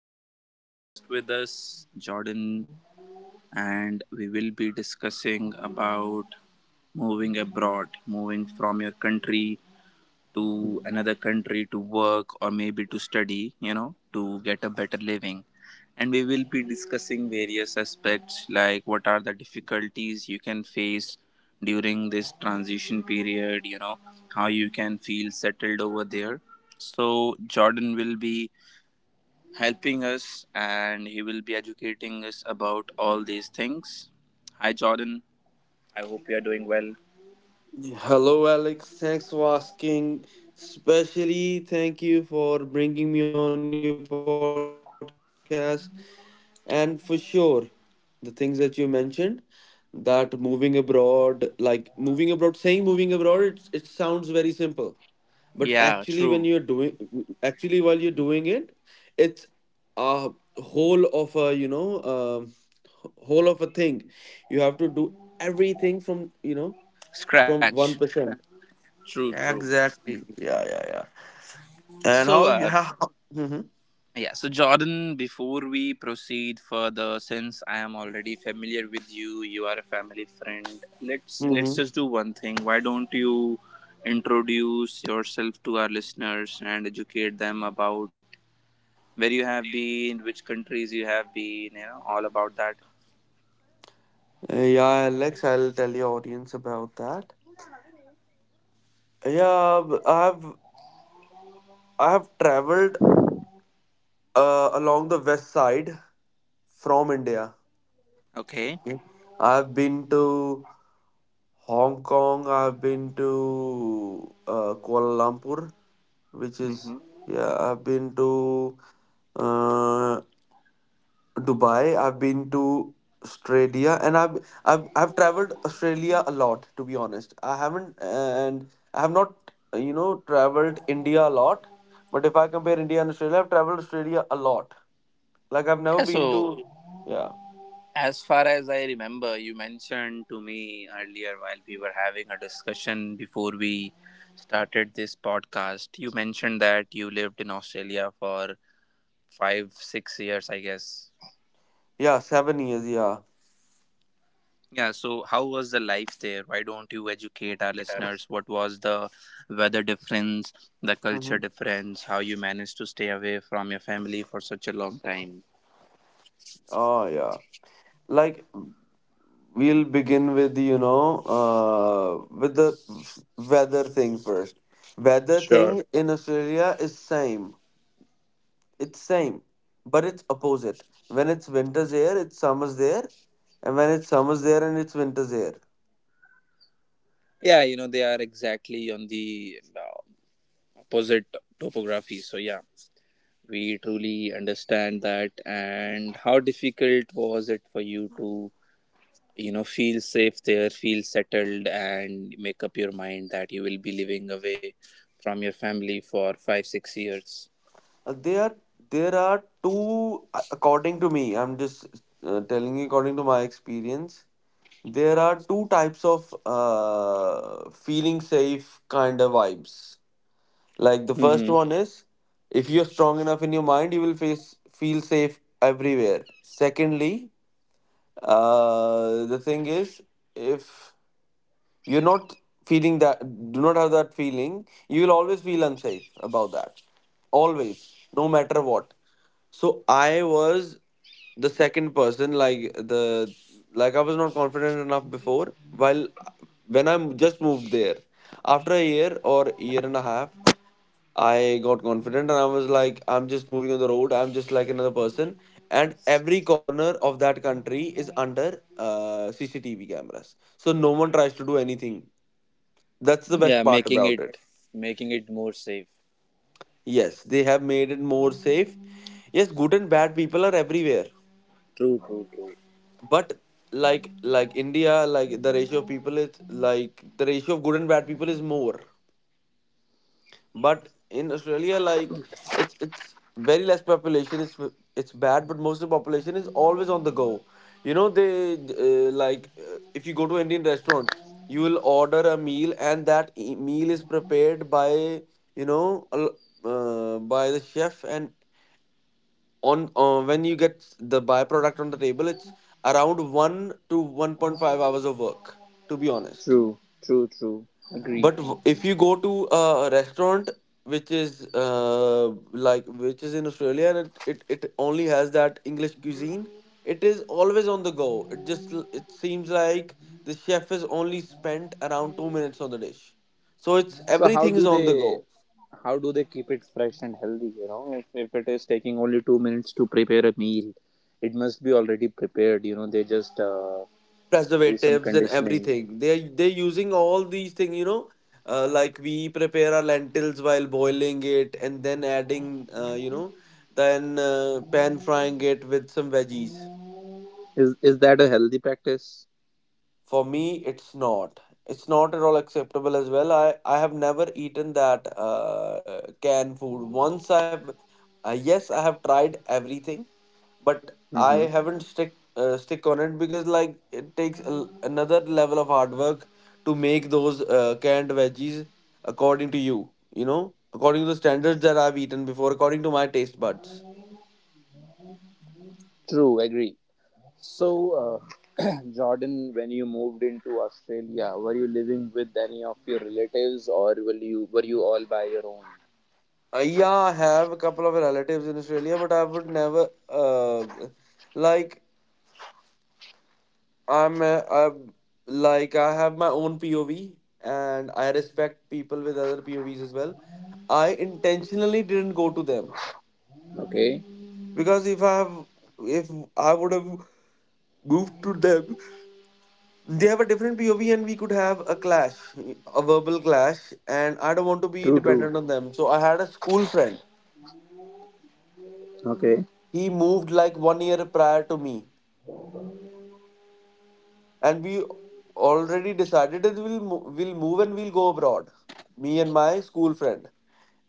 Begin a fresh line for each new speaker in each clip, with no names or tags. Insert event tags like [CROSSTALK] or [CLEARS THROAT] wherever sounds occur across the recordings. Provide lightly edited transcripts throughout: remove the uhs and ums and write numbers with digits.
Very special guest with us, Jordan, and we will be discussing about moving abroad, moving from your country to another country to work or maybe to study, to get a better living. And we will be discussing various aspects like what are the difficulties you can face during this transition period, how you can feel settled over there. So, Jordan will be helping us and he will be educating us about all these things. Hi, Jordan. I hope you are doing well.
Hello, Alex. Thanks for asking. Especially, thank you for bringing me on your podcast. And for sure, the things that you mentioned that moving abroad, like moving abroad, saying moving abroad, it sounds very simple. But
Yeah,
actually,
true.
actually, while you're doing it, it's a whole of a, um, whole of a thing. You have to do everything
Scratch.
from 1%.
True, true.
Exactly. Yeah, yeah, yeah.
So, uh,
And how you how? Mm-hmm.
Yeah, so Jordan, before we proceed further, since I am already familiar with you, you are a family friend. Let's
Mm-hmm.
just do one thing. Why don't you introduce yourself to our listeners and educate them about where you have been, which countries you have been, all about that.
Yeah, Alex, I'll tell your audience about that. Yeah, b- I have I have traveled along the west side from India.
Okay.
Okay. I've been to Hong Kong. I've been to Kuala Lumpur, which is
Mm-hmm.
yeah. I've been to uh, Dubai, I've been to Australia, and I've traveled Australia a lot, to be honest. I have not, you know, traveled India a lot. But if I compare India and Australia, I've traveled Australia a lot. Like I've never
Yeah,
been to,
so
yeah,
as far as I remember, you mentioned to me earlier while we were having a discussion before we started this podcast, you mentioned that you lived in Australia for 5, 6 years, I guess.
yeah, 7 years, yeah.
Yeah, so how was the life there? Why don't you educate our listeners? What was the weather difference, the culture
Mm-hmm.
difference, how you managed to stay away from your family for such a long time?
Oh yeah. Like we'll begin with, with the weather thing first. Weather
Sure.
thing in Australia is same. It's same, but it's opposite. When it's winter's here, it's summer's there, and when it's summer's there and it's winter's here.
Yeah, they are exactly on the opposite topography. So, yeah, we truly understand that. And how difficult was it for you to, feel safe there, feel settled, and make up your mind that you will be living away from your family for 5 6 years?
They are there are two, according to me. I'm just telling you according to my experience. There are two types of feeling safe kind of vibes. Like the first
Mm-hmm.
one is, if you're strong enough in your mind, you will face feel safe everywhere. Secondly, the thing is, if you're not feeling that, do not have that feeling. You will always feel unsafe about that. Always, no matter what. So I was the second person, like I was not confident enough before. While When I just moved there, after a year or year and a half, I got confident and I was like, I'm just moving on the road. I'm just like another person. And every corner of that country is under CCTV cameras. So no one tries to do anything that's the best,
Yeah,
yeah, part
making
about
it
it.
making it more safe.
Yes, they have made it more safe. Yes, good and bad people are everywhere.
True, true, true.
But like India, like the ratio of good and bad people is more. But in Australia, it's very less population. It's bad, but most of the population is always on the go. You know, they like if you go to an Indian restaurant, you will order a meal, and that meal is prepared by, you know, by the chef, and on when you get the byproduct on the table, it's around 1 to 1.5 hours of work, to be honest.
True, true, true. Agree.
But if you go to a restaurant which is which is in Australia, and it only has that English cuisine, it is always on the go. It seems like the chef has only spent around 2 minutes on the dish. So it's
So, how
everything is
do
on the
they
go.
how do they keep it fresh and healthy, If it is taking only 2 minutes to prepare a meal, it must be already prepared. They just do some
Preservatives and
conditioning
everything. They're using all these things, you know. Like we prepare our lentils while boiling it and then adding, you know then pan frying it with some veggies.
is is that a healthy practice?
For me, it's not, it's not at all acceptable as well. I have never eaten that canned food. Once I've Yes, I have tried everything, but I
Mm-hmm.
haven't stick stick on it because like it takes a l another level of hard work to make those canned veggies according to you, you know, according to the standards that I've eaten before, according to my taste buds.
True, agree. So uh, [CLEARS THROAT] Jordan, when you moved into Australia, were you living with any of your relatives, or will you were you all by your own?
Yeah, I have a couple of relatives in Australia, but I would never, uh, like I'm like I have my own POV, and I respect people with other POVs as well. I intentionally didn't go to them
Okay.
because if I have if I would have moved to them, they have a different POV and we could have a clash, a verbal clash, and I don't want to be
True, true.
dependent on them. So I had a school friend.
Okay.
He moved like 1 year prior to me, and we already decided that we'll move and we'll go abroad. Me and my school friend.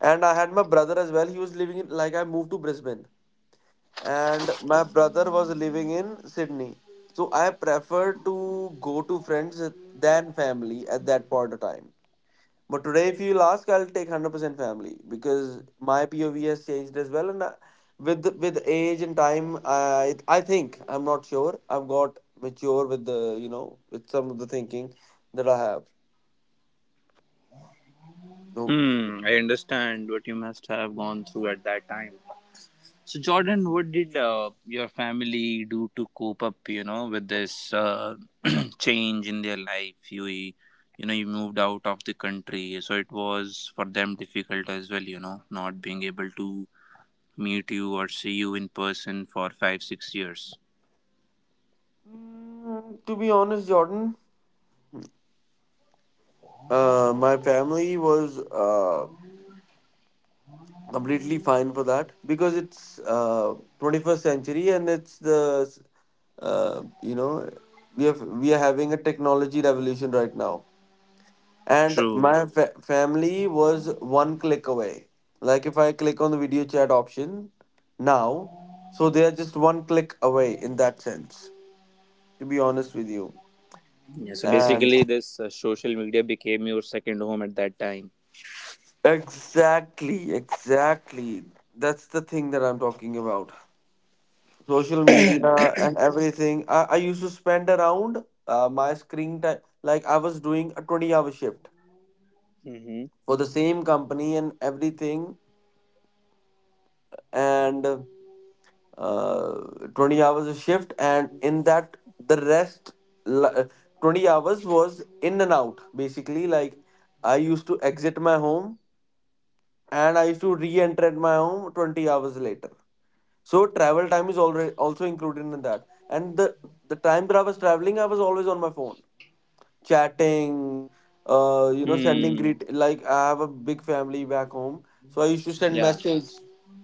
And I had my brother as well. He was living in, like, I moved to Brisbane. And my brother was living in Sydney. So I preferred to go to friends than family at that point of time. But today, if you'll ask, I'll take 100% family because my POV has changed as well. And with age and time, I think, I'm not sure, I've got mature with the, you know, with some of the thinking that I have. No.
Hmm, I understand what you must have gone through at that time. So Jordan, what did your family do to cope up, with this [CLEARS THROAT] change in their life? You moved out of the country, so it was for them difficult as well, not being able to meet you or see you in person for 5, 6 years.
Mm, to be honest, Jordan, my family was completely fine for that because it's 21st century and it's the uh, you know we are having a technology revolution right now, and
True.
family was one click away. Like if I click on the video chat option now, so they are just one click away in that sense, to be honest with you.
Yeah, so
And
basically, this social media became your second home at that time.
Exactly. That's the thing that I'm talking about. Social media and everything. I used to spend around, my screen time, like I was doing a 20-hour shift
Mm-hmm.
for the same company and everything, and uh, 20 hours a shift, and in that, the rest li- 20 hours was in and out basically. Like I used to exit my home and I used to re enter at my home 20 hours later. So travel time is already also included in that. And the time that I was traveling, I was always on my phone, chatting, you know, sending
Hmm.
greet. Like I have a big family back home, so I used to send
Yeah.
message,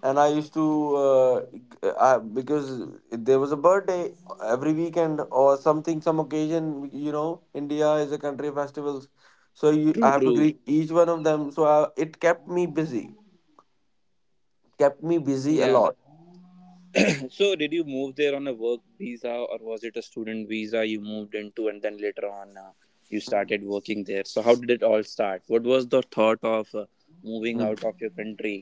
and I used to uh, g- because there was a birthday every weekend or something, some occasion. You know, India is a country of festivals, so
True.
I have to
True.
greet each one of them. So it kept me busy a
Yeah.
lot.
[CLEARS THROAT] So did you move there on a work visa, or was it a student visa you moved into and then later on you
Mhm.
started working there? So how did it all start? What was the thought of moving out of your country?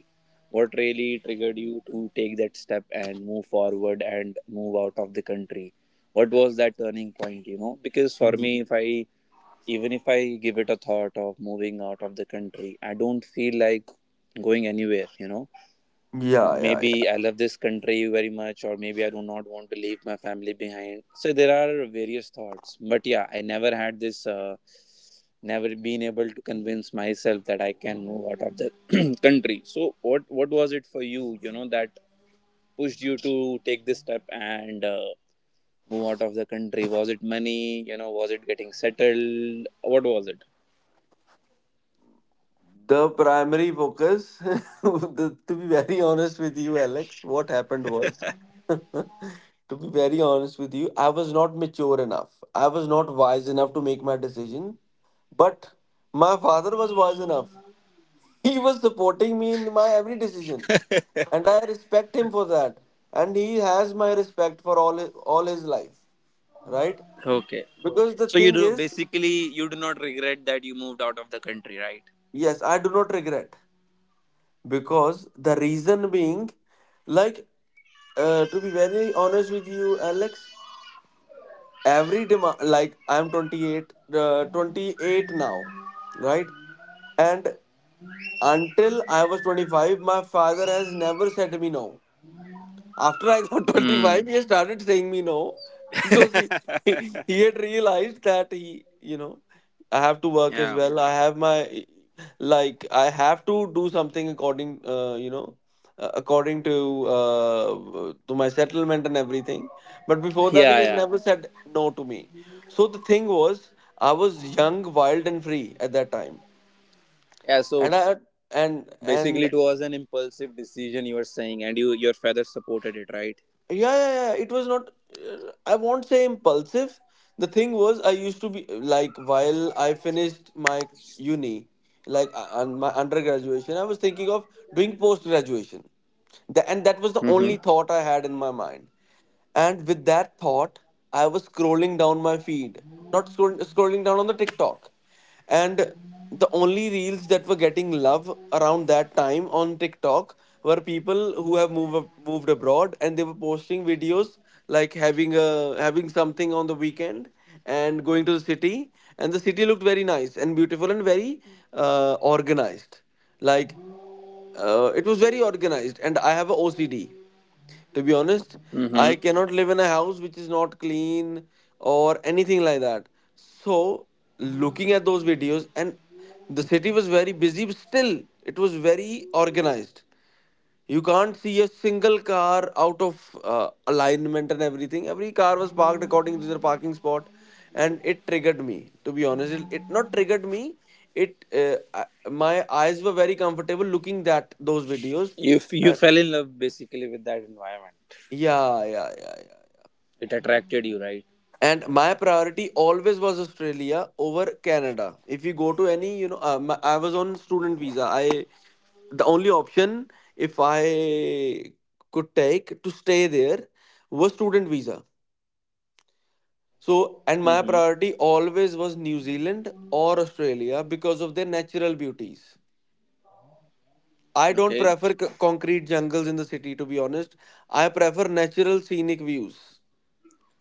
What really triggered you to take that step and move forward and move out of the country? What was that turning point, because for me,
Mhm.
if I even if I give it a thought of moving out of the country, I don't feel like going anywhere.
Yeah, yeah, yeah.
Maybe I love this country very much, or maybe I do not want to leave my family behind. So there are various thoughts, but yeah, I never been able to convince myself that I can move out of the [CLEARS THROAT] country. So what was it for you? You know that pushed you to take this step and move out of the country. Was it money? Was it getting settled? What was it?
The primary focus, [LAUGHS] to be very honest with you, Alex, what happened was, [LAUGHS] to be very honest with you, I was not mature enough. I was not wise enough to make my decision. But my father was wise enough. [LAUGHS] He was supporting me in my every decision, and I respect him for that. And he has my respect for all his life, right?
Okay,
Because the thing
so you do
is,
basically, you do not regret that you moved out of the country, right?
yes, I do not regret. Because the reason being, like to be very honest with you, Alex, every demand, like I'm 28, 28 now, right? And until I was 25, my father has never said to me no. After I got [LAUGHS]
Hmm.
25, he started saying me no because [LAUGHS] he had realized that you know, I have to work as
Yeah.
well. I have my, like, I have to do something according, you know, according to my settlement and everything. But before that, he
Yeah,
has
yeah,
never said no to me. So the thing was, I was young, wild, and free at that time,
yeah, so
and I
basically it was an impulsive
and
decision, you were saying, and your father supported it, right?
yeah, yeah, yeah, it was not, I won't say impulsive. The thing was, I used to be like, while I finished my uni, and my undergraduation, I was thinking of doing post graduation. And that was the
Mm-hmm.
only thought I had in my mind. And with that thought, I was scrolling down my feed, not scrolling, scrolling down on the TikTok. And the only reels that were getting love around that time on TikTok were people who have moved abroad, and they were posting videos like having something on the weekend and going to the city, and the city looked very nice and beautiful and very organized. Like, it was very organized, and I have a OCD. To be honest,
Mm-hmm.
I cannot live in a house which is not clean or anything like that. So, looking at those videos, and the city was very busy, but still, it was very organized. You can't see a single car out of alignment and everything. Every car was parked according to their parking spot, and it triggered me. To be honest, it not triggered me. It uh, my eyes were very comfortable looking at those videos.
You
Uh,
fell in love basically with that environment.
yeah, yeah, yeah, yeah.
It attracted you, right?
And my priority always was Australia over Canada. If you go to any, you know, I was on student visa. I The only option if I could take to stay there was student visa. So, and my
Mm-hmm.
priority always was New Zealand or Australia because of their natural beauties. I don't
Okay.
prefer concrete jungles in the city, to be honest. I prefer natural scenic views,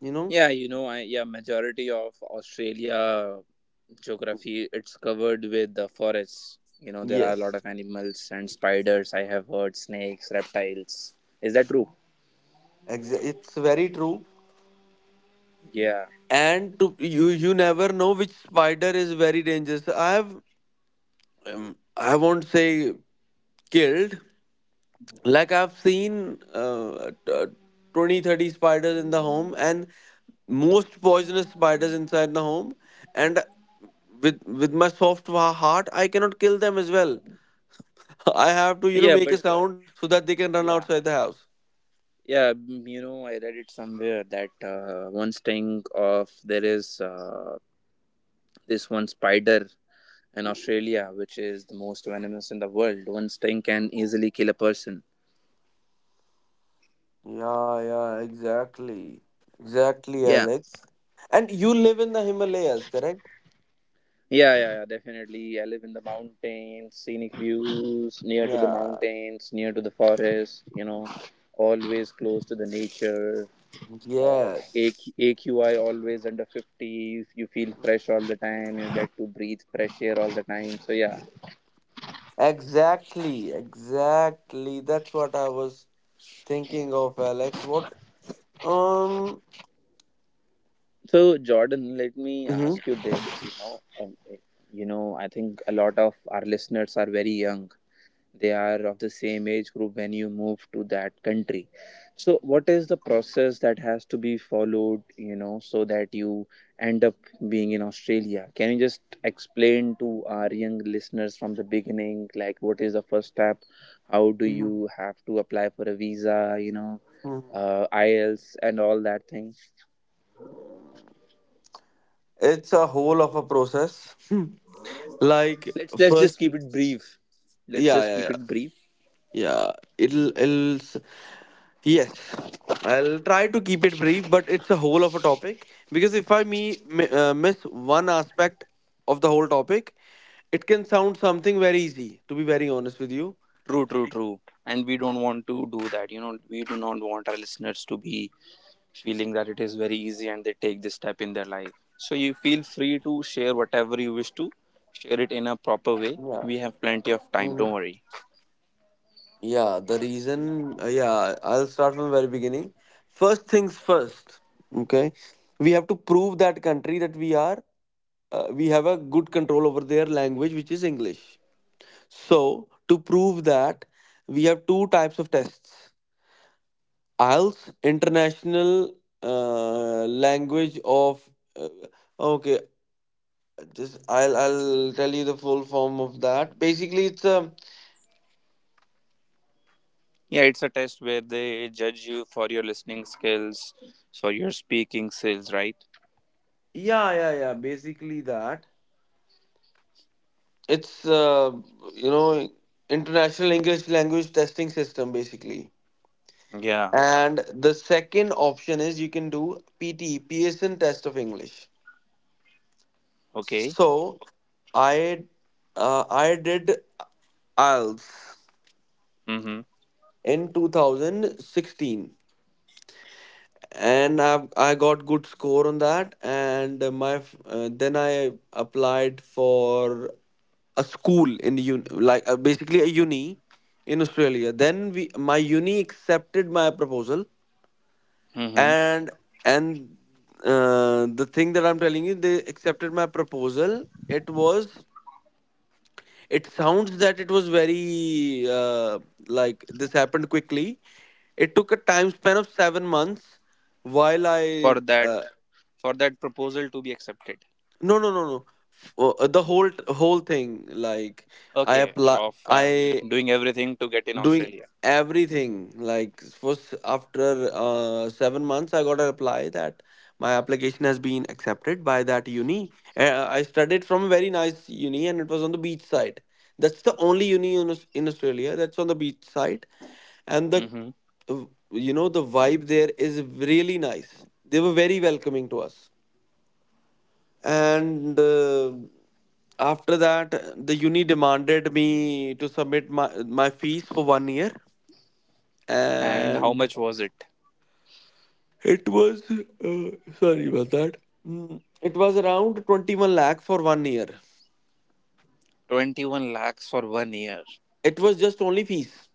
you know?
Yeah, you know I yeah, majority of Australia geography, it's covered with the forests. There are a lot
Yes,
of animals and spiders. I have heard, snakes, reptiles. Is that true?
it's very true.
Yeah.
And you never know which spider is very dangerous. I won't say killed, like I've seen 20 30 spiders in the home, and most poisonous spiders inside the home, and with my soft heart, I cannot kill them as well. [LAUGHS] I have to,
Yeah,
make
but
a sound so that they can run
yeah.
outside the house.
Yeah, I read it somewhere that one sting of there is this one spider in Australia, which is the most venomous in the world. One sting can easily kill a person.
Yeah, yeah, exactly, exactly,
Yeah.
Alex. And you live in the Himalayas, correct?
Yeah, yeah, yeah, definitely. I live in the mountains, scenic views, near to the
Yeah.
mountains, near to the forest, always close to the nature. Uh,
Yes,
AQ, always under 50. You feel fresh all the time. You get to breathe fresh air all the time. So, yeah.
exactly, exactly. That's what I was thinking of, Alex. What? Um,
So, Jordan, let me
mhm,
ask you this. I think a lot of our listeners are very young. They are of the same age group when you move to that country. So, what is the process that has to be followed? So that you end up being in Australia. Can you just explain to our young listeners from the beginning, like what is the first step? How do
mhm,
you have to apply for a visa?
mhm.
IELTS and all that thing.
It's a whole of a process. Hmm. Like,
Let's just
first,
keep it brief. Let's
yeah,
just
yeah,
keep
yeah,
it brief.
yeah. It'll, it'll, s- yes. I'll try to keep it brief, but it's a whole of a topic because if I miss one aspect of the whole topic, it can sound something very easy. To be very honest with you,
True, true, true. And we don't want to do that. We do not want our listeners to be feeling that it is very easy and they take this step in their life. So you feel free to share whatever you wish to, share it in a proper
yeah.
way. We have plenty of time, don't worry.
Yeah, the reason, yeah, I'll start from the very beginning. First things first, okay? We have to prove that we have a good control over their language, which is English. So, to prove that, we have two types of tests. IELTS, international language of, uh, okay, just I'll tell you the full form of that. Basically, it's a,
Yeah, it's a test where they judge you for your listening skills, for your speaking skills, right?
yeah, yeah, yeah, basically that. It's you know international English language testing system, basically.
Yeah,
And the second option is you can do PT PSN, test of English.
okay.
So I I did IELTS
Mm-hmm.
in 2016, and I got good score on that, and then I applied for a school in like, basically a uni in Australia. Then we my uni accepted my proposal,
Mm-hmm.
and and the thing that I'm telling you, they accepted my proposal. It sounds that it was very like this happened quickly. It took a time span of 7 months while I,
For that for that proposal to be accepted.
no, no, no, no. The whole thing, like I
Okay,
apply
of
I
doing everything to get in
doing
Australia.
everything, like first, after 7 months, I got a reply that my application has been accepted by that uni. I studied from a very nice uni, and it was on the beach side. That's the only uni in Australia that's on the beach side. And the
Hmm.
uh, you know the vibe there is really nice. They were very welcoming to us. And after that, the uni demanded me to submit my fees for 1 year.
And how
And
much was it?
it was, sorry about that. It was around 21 lakh for 1 year.
21 lakhs for one year.
It was just only fees,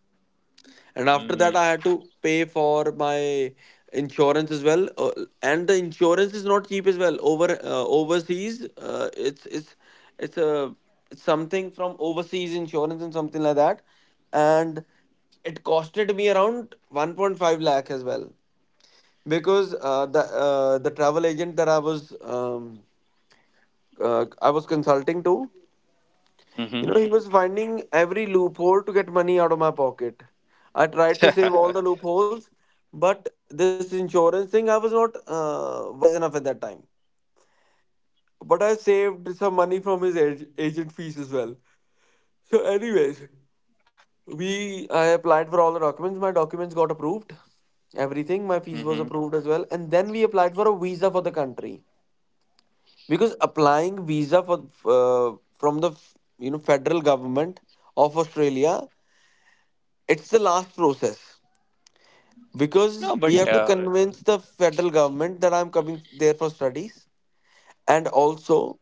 and after
Hmm.
that, I had to pay for my insurance as well. And the insurance is not cheap as well. Overseas, it's a it's something from overseas insurance and something like that, and it costed me around 1.5 lakh as well, because the travel agent that I was consulting to,
Mm-hmm.
he was finding every loophole to get money out of my pocket. I tried to save all the loopholes, but this insurance thing, I was not wise enough at that time. But I saved some money from his agent fees as well. So, anyways, we I applied for all the documents. My documents got approved. Everything, my fees was
Mm-hmm.
approved as well, and then we applied for a visa for the country, because applying visa for from the, federal government of Australia, it's the last process,
No,
because we
but
have to convince the federal government that I'm coming there for studies, and also,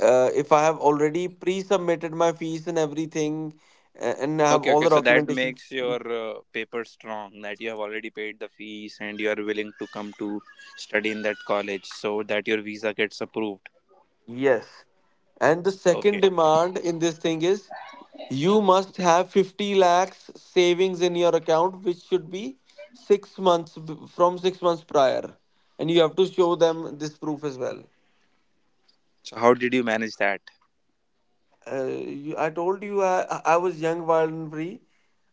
if I have already pre-submitted my fees and everything, and I have
okay,
all
okay.
the
So that
documentation.
makes your paper strong that you have already paid the fees and you are willing to come to study in that college so that your visa gets approved.
Yes. And the second
Okay.
demand in this thing is, you must have 50 lakhs savings in your account, which should be from 6 months prior. And you have to show them this proof as well.
So how did you manage that?
I told you I was young, wild, and free.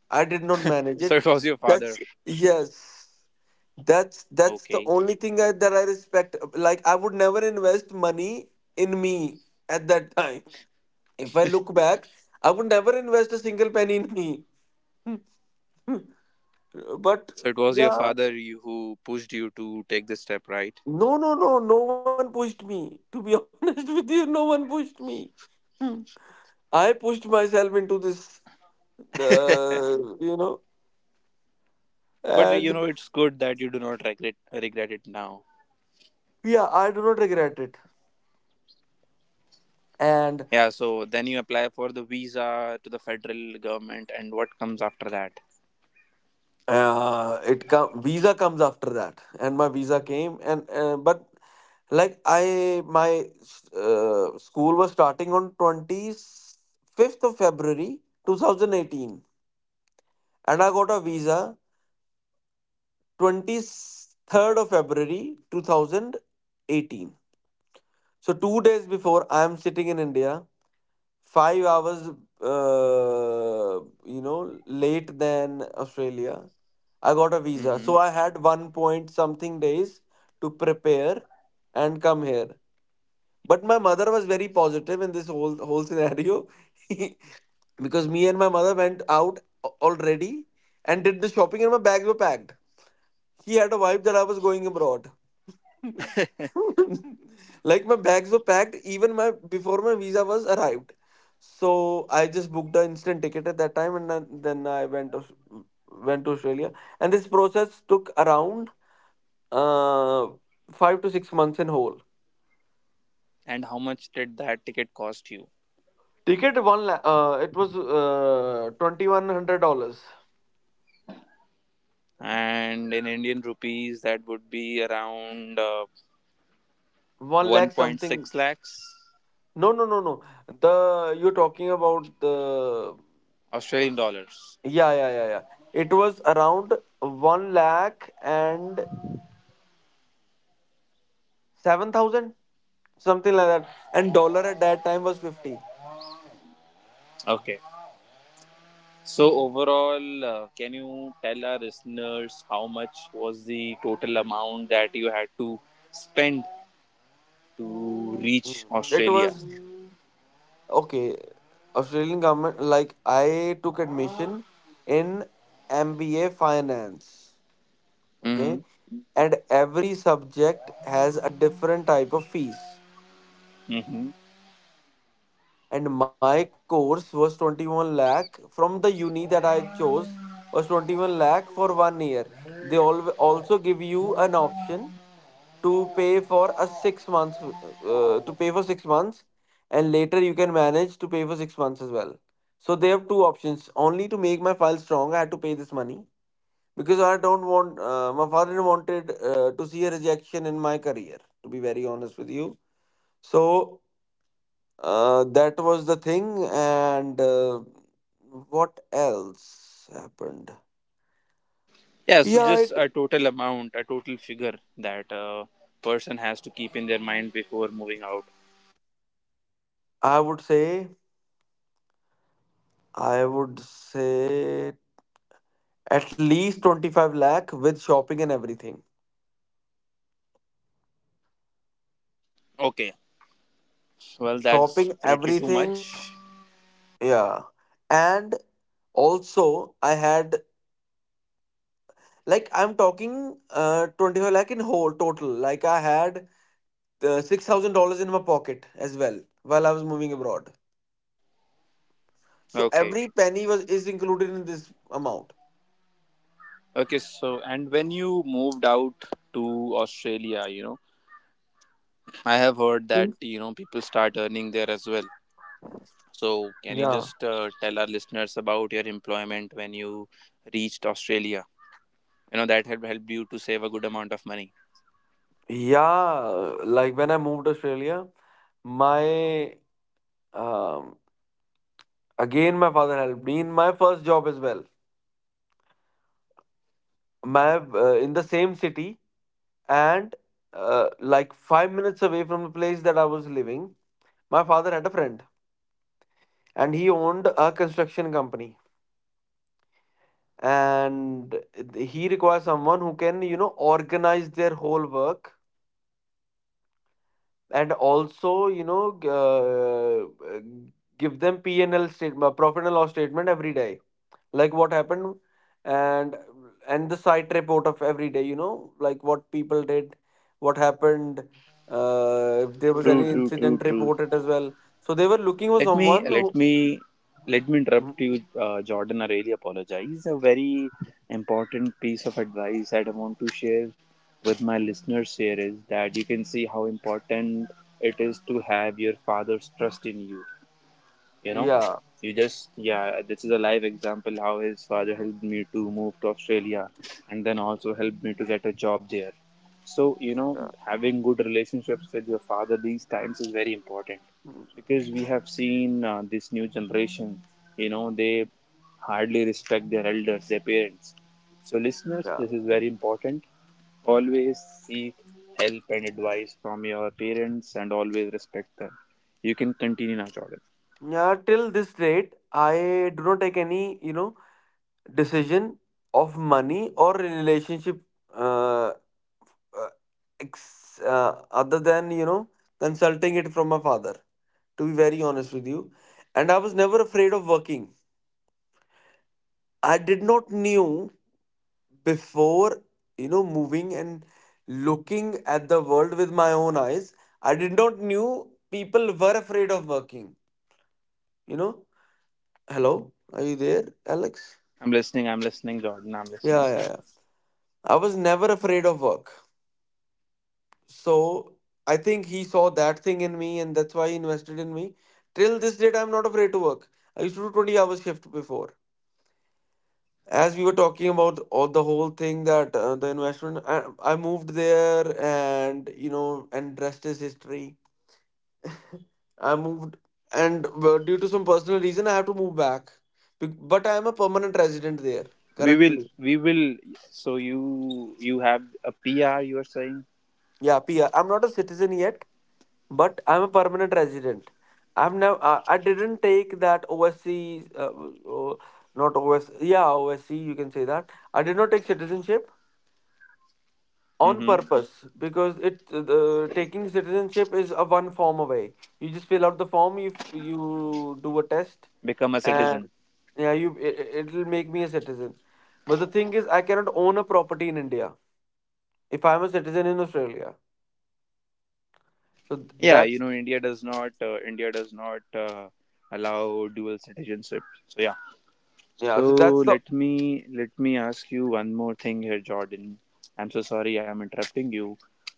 I did not
[LAUGHS]
manage
So
it.
it was your
That's
father.
Yes. That's the
Okay.
only thing that I respect. Like, I would never invest money in me at that time. If I look back, I would never invest a single penny in me. [LAUGHS] But
So it was your
yeah.
father, who pushed you to take this step, right?
No, no, no. No one pushed me. To be [LAUGHS] honest with you, no one pushed me. Hmm. I pushed myself into this, uh, you know,
But you
and
know, it's good that you do not regret it now.
yeah, I do not regret it. And
Yeah. So then you apply for the visa to the federal government, and what comes after that?
it come visa comes after that, and my visa came, and but, like, I my school was starting on 25th of February 2018, and I got a visa 23rd of February 2018. So, 2 days before, I am sitting in India, 5 hours, uh, late than Australia. I got a visa.
Mm-hmm.
So, I had one point something days to prepare and come here. But my mother was very positive in this whole scenario. [LAUGHS] Because me and my mother went out already and did the shopping, and my bags were packed. He had a vibe that I was going abroad. [LAUGHS] Like, my bags were packed even my before my visa was arrived. So I just booked the instant ticket at that time, and then I went to Australia. And this process took around uh 5 to 6 months in whole.
And how much did that ticket cost you?
Ticket, it was $2,100.
And in Indian rupees, that would be around
1 lakh something.
1.6 lakhs,
No, no, no, no. the You're talking about the...
Australian dollars.
Yeah, yeah, yeah, yeah, it was around 1 lakh and 7,000, something like that, and dollar at that time was 50.
Okay. So overall, can you tell our listeners how much was the total amount that you had to spend
Mm,
to reach
It was
Australia?
okay. Australian government, like, I took admission in MBA finance. Okay,
Hmm.
and every subject has a different type of fees.
Hmm.
And my course was 21 lakh from the uni that I chose, was 21 lakh for 1 year. They all also give you an option to pay for a 6 months, to pay for 6 months, and later you can manage to pay for 6 months, well. So they have two options. Only to make my file strong, I had to pay this money, because I don't want, my father wanted, to see a rejection in my career, to be very honest with you. So that was the thing. And what else happened?
Yeah, so
Yeah,
just a total amount, a total figure that a person has to keep in their mind before moving out.
i would say I would say at least 25 lakh with shopping and everything.
Okay. Well, that's
Shopping,
pretty too
everything,
much.
yeah. And also, I had, like, I'm talking 25 lakh in whole total. Like, I had $6,000 in my pocket as well while I was moving abroad. So,
Okay.
every penny was is included in this amount.
Okay, so and when you moved out to Australia, I have heard that,
Mm.
people start earning there as well. So, can you
Yeah.
just tell our listeners about your employment when you reached Australia? That had helped you to save a good amount of money.
Yeah. Like, when I moved to Australia, my, um, again, my father helped me in my first job as well. My In the same city, and like 5 minutes away from the place that I was living, my father had a friend, and he owned a construction company. And he requires someone who can, organize their whole work, and also, give them P&L statement, profit and loss statement, every day, like what happened, and and the site report of every day, like what people did, what happened, if there was
True,
any
true, true,
incident
true.
reported as well. So they were looking for
Let me
someone
let
who...
me let me
Mm.
interrupt you, Jordan. I really apologize. A very important piece of advice that I want to share with my listeners here is that you can see how important it is to have your father's trust in you. You know
Yeah,
you just Yeah, this is a live example how his father helped me to move to Australia and then also helped me to get a job there. So,
yeah.
having good relationships with your father these times is very important.
Mm,
Because we have seen this new generation, they hardly respect their elders, their parents. So listeners,
yeah,
this is very important. Always seek help and advice from your parents and always respect them. You can continue now, Jordan.
yeah. Till this date, I do not take any, decision of money or relationship, uh, uh, other than, consulting it from my father, to be very honest with you. And I was never afraid of working. I did not knew, before, moving and looking at the world with my own eyes, I did not knew people were afraid of working you know Hello, are you there, Alex?
I'm listening. I'm listening, Jordan. I'm
Yeah,
listening.
yeah, yeah, I was never afraid of work. So I think he saw that thing in me, and that's why he invested in me. Till this date, I'm not afraid to work. I used to do 20 hours shift before. As we were talking about all the whole thing, that the investment, I moved there, and and rest is history. I moved, and due to some personal reason, I have to move back. But I am a permanent resident there
We will.
currently.
We will. So you have a PR. You are saying.
Yeah, PR, I'm not a citizen yet, but I'm a permanent resident. I am now. I didn't take that OSC, not O S. Yeah, OSC, you can say that. I did not take citizenship on
Mm-hmm.
purpose because it the taking citizenship is a one form away. You just fill out the form, you do a test,
Become a citizen.
and yeah, it'll make me a citizen. But the thing is, I cannot own a property in India if I'm a citizen in Australia. So th-
Yeah,
that's
India does not. India does not allow dual citizenship. So yeah.
yeah,
So
so that's the...
let me ask you one more thing here, Jordan. I'm so sorry. I'm interrupting you.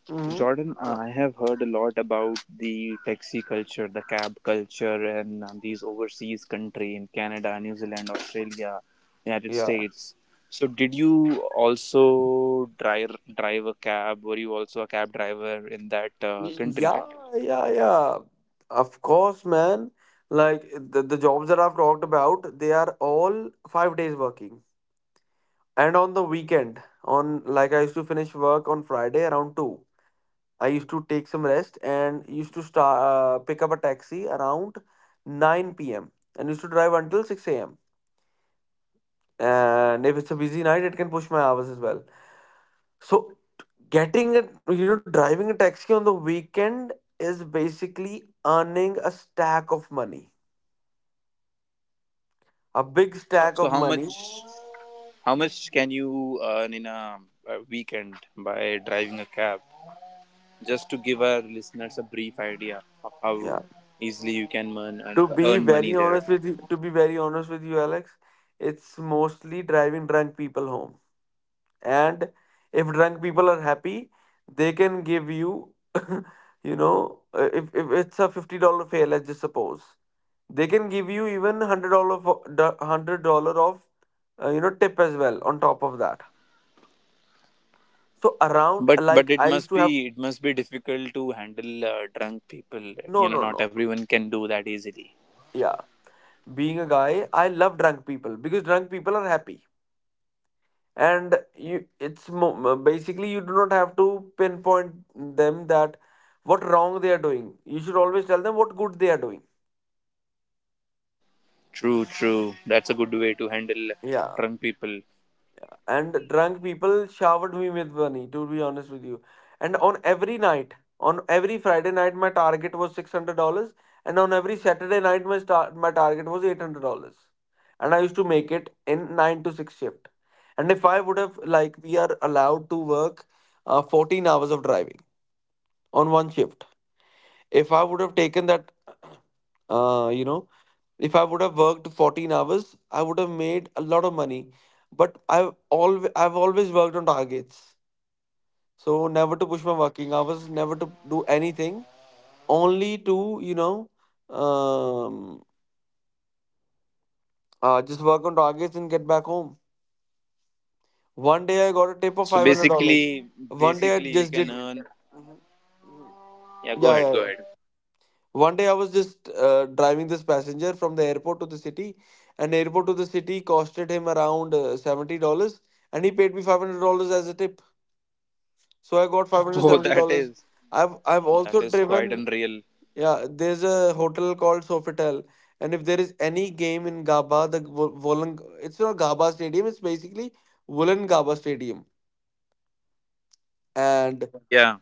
Hmm.
Jordan, I have heard a lot about the taxi culture, the cab culture, and these overseas country in Canada, New Zealand, Australia, United States. So, did you also drive a cab? Were you also a cab driver in that
Yeah,
country?
yeah, yeah, yeah, of course, man. Like, the jobs that I've talked about, they are all 5 days working. And on the weekend, on like, I used to finish work on Friday around 2. I used to take some rest and used to start pick up a taxi around 9 p.m. and used to drive until 6 a.m. And if it's a busy night, it can push my hours as well. So getting a you know driving a taxi on the weekend is basically earning a stack of money, a big stack
So,
of
how
money.
much how much can you earn in a weekend by driving a cab? Just to give our listeners a brief idea of how
Yeah.
easily you can earn earn money there.
To be very honest with you, Alex, it's mostly driving drunk people home. And if drunk people are happy, they can give you, [LAUGHS] if it's a $50 fare, let's just suppose, they can give you even $100 of tip as well on top of that. So around,
But
like,
it
I used
must
to have...
be it must be difficult to handle drunk people. You know,
No,
not
no.
everyone can do that easily.
Yeah, being a guy, I love drunk people because drunk people are happy, and basically you do not have to pinpoint them that what wrong they are doing. You should always tell them what good they are doing.
True, true. That's a good way to handle
Yeah,
drunk people.
and drunk people showered me with money, to be honest with you. And on every Friday night my target was $600, and on every Saturday night my target was $800, and I used to make it in 9 to 6 shift. And if I would have like, we are allowed to work 14 hours of driving on one shift. If I would have taken that, uh, you know if I would have worked 14 hours, I would have made a lot of money. But I've always worked on targets, so never to push my working hours, never to do anything, only to um, just work on targets and get back home. One day I got a tip of
So
$500.
basically,
One day I
basically you
just
can
did
earn.
Mhm. Mhm.
Yeah, go
Yeah,
ahead,
yeah,
go ahead.
yeah. One day I was just driving this passenger from the airport to the city, and airport to the city costed him around $70, and he paid me $500 as a tip. So I got five
[LAUGHS]
hundred
Oh,
seventy
that
dollars.
is
I've
that
also
is quite
driven.
unreal.
Yeah, there's a hotel called Sofitel, and if there is any game in Gaba, it's not Gaba Stadium. It's basically Wollongaba Stadium, and...
Yeah.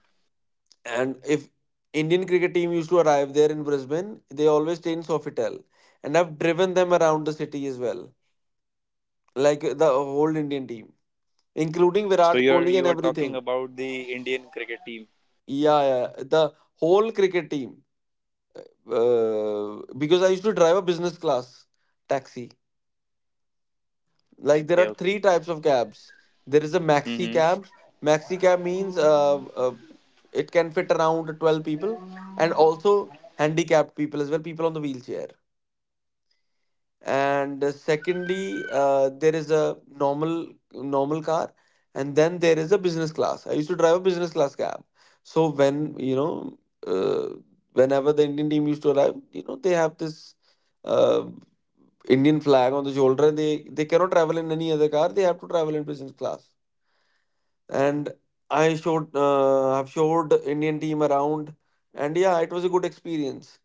And if Indian cricket team used to arrive there in Brisbane, they always stay in Sofitel. And I've driven them around the city as well. Like the whole Indian team, including
So
Virat
you're
Kohli and
you are talking
everything.
about the Indian cricket team.
Yeah, yeah. The whole cricket team. Because I used to drive a business class taxi. Like, there
Okay,
are
okay.
three types of cabs. There is a maxi
Mm-hmm.
cab. Maxi cab means, it can fit around 12 people, and also handicapped people as well, people on the wheelchair. And secondly, there is a normal car, and then there is a business class. I used to drive a business class cab. So uh, whenever the Indian team used to arrive, they have this uh, Indian flag on the shoulder, and they cannot travel in any other car. They have to travel in business class. And I showed have showed Indian team around, and yeah, it was a good experience.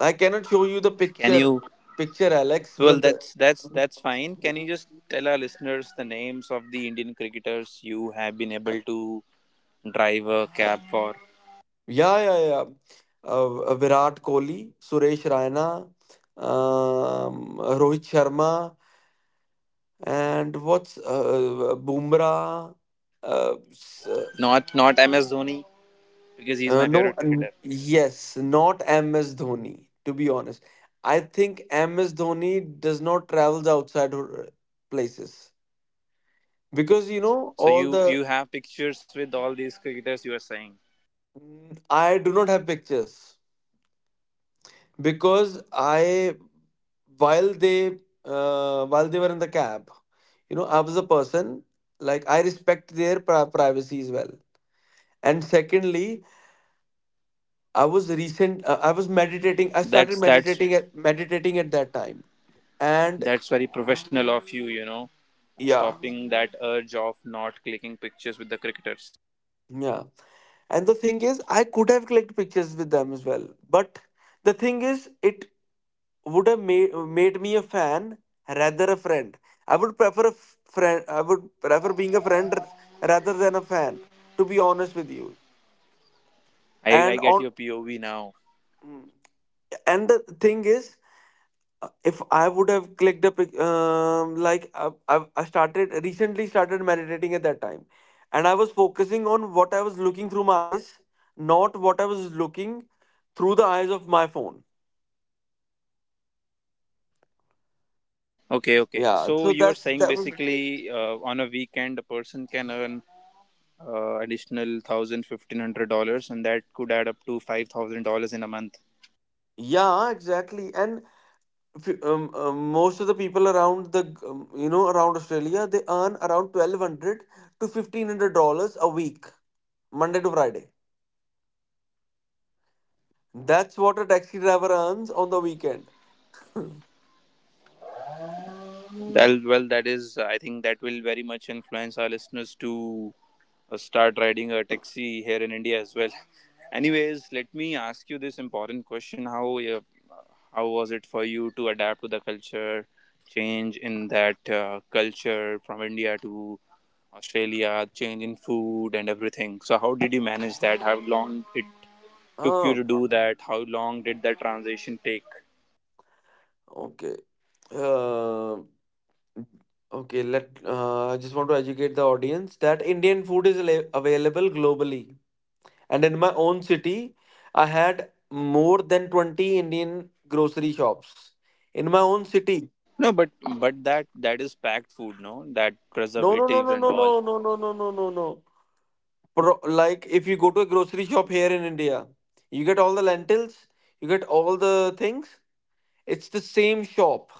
I cannot show you the
Can you?
picture, Alex,
Well,
but
that's fine. Can you just tell our listeners the names of the Indian cricketers you have been able to drive a cab for?
yeah, yeah, yeah. Virat Kohli, Suresh Raina, Rohit Sharma, and what's Bumrah? Uh, s- uh,
Not MS Dhoni because he's my
no,
favorite cricketer.
yes, not MS Dhoni. To be honest, I think MS Dhoni does not travels outside her places because you know
So
all
you
the...
you have pictures with all these cricketers you are saying.
I do not have pictures, because I... while they while they were in the cab, you know, I was a person, like, I respect their privacy as well. And secondly, I was recent. I was meditating. I started
That's that's
meditating at that time. And
that's very professional of you,
yeah,
stopping that urge of not clicking pictures with the cricketers.
yeah. And the thing is, I could have clicked pictures with them as well. But the thing is, it would have made me a fan rather a friend. I would prefer a friend. I would prefer being a friend rather than a fan. To be honest with you,
I
and
get
on...
your POV now.
Mm. And the thing is, if I would have clicked a pic, like, I started recently started meditating at that time, and I was focusing on what I was looking through my eyes, not what I was looking through the eyes of my phone.
Okay, okay.
Yeah,
So
so
you are
that's...
saying
that was.
basically on a weekend a person can earn additional thousand fifteen hundred dollars, and that could add up to $5,000 in a month.
Yeah, exactly. And if you- most of the people around the around Australia, they earn around $1,200 to $1,500 a week, Monday to Friday. That's what a taxi driver earns on the weekend.
That, well, that is, I think, that will very much influence our listeners to start riding a taxi here in India as well. [LAUGHS] Anyways, let me ask you this important question: How was it for you to adapt to the culture change in that culture from India to Australia, change in food and everything? So, how did you manage that? How long it took you
Ah.
to do that? How long did that transition take?
Okay. Uh, okay, let I just want to educate the audience that Indian food is available globally. And in my own city, I had more than 20 Indian grocery shops. In my own city.
No, but that is packed food, no? That
No, no, no,
preservatives
no,
and
no,
all.
no, no, no, no, no, no, no. Like, if you go to a grocery shop here in India, you get all the lentils, you get all the things. It's the same shop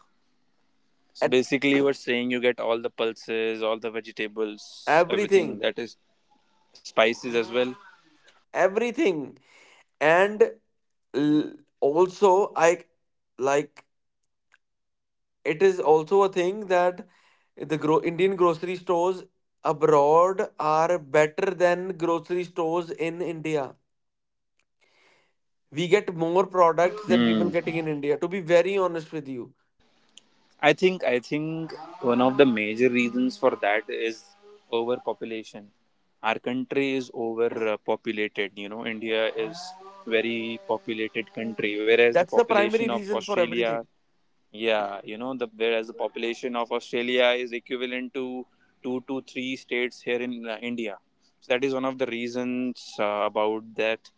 So
at
basically, you were saying you get all the pulses, all the vegetables, everything
everything,
that is spices as well.
everything. And l- also, I like it is also a thing that the Indian grocery stores abroad are better than grocery stores in India. We get more products than people
Hmm.
getting in India, to be very honest with you.
I think one of the major reasons for that is overpopulation. Our country is overpopulated. You know, India is very populated country, whereas the
That's the
population
primary
of
reason for
Australia.
everything.
Yeah, you know, the whereas the population of Australia is equivalent to two to three states here in India. So that is one of the reasons about that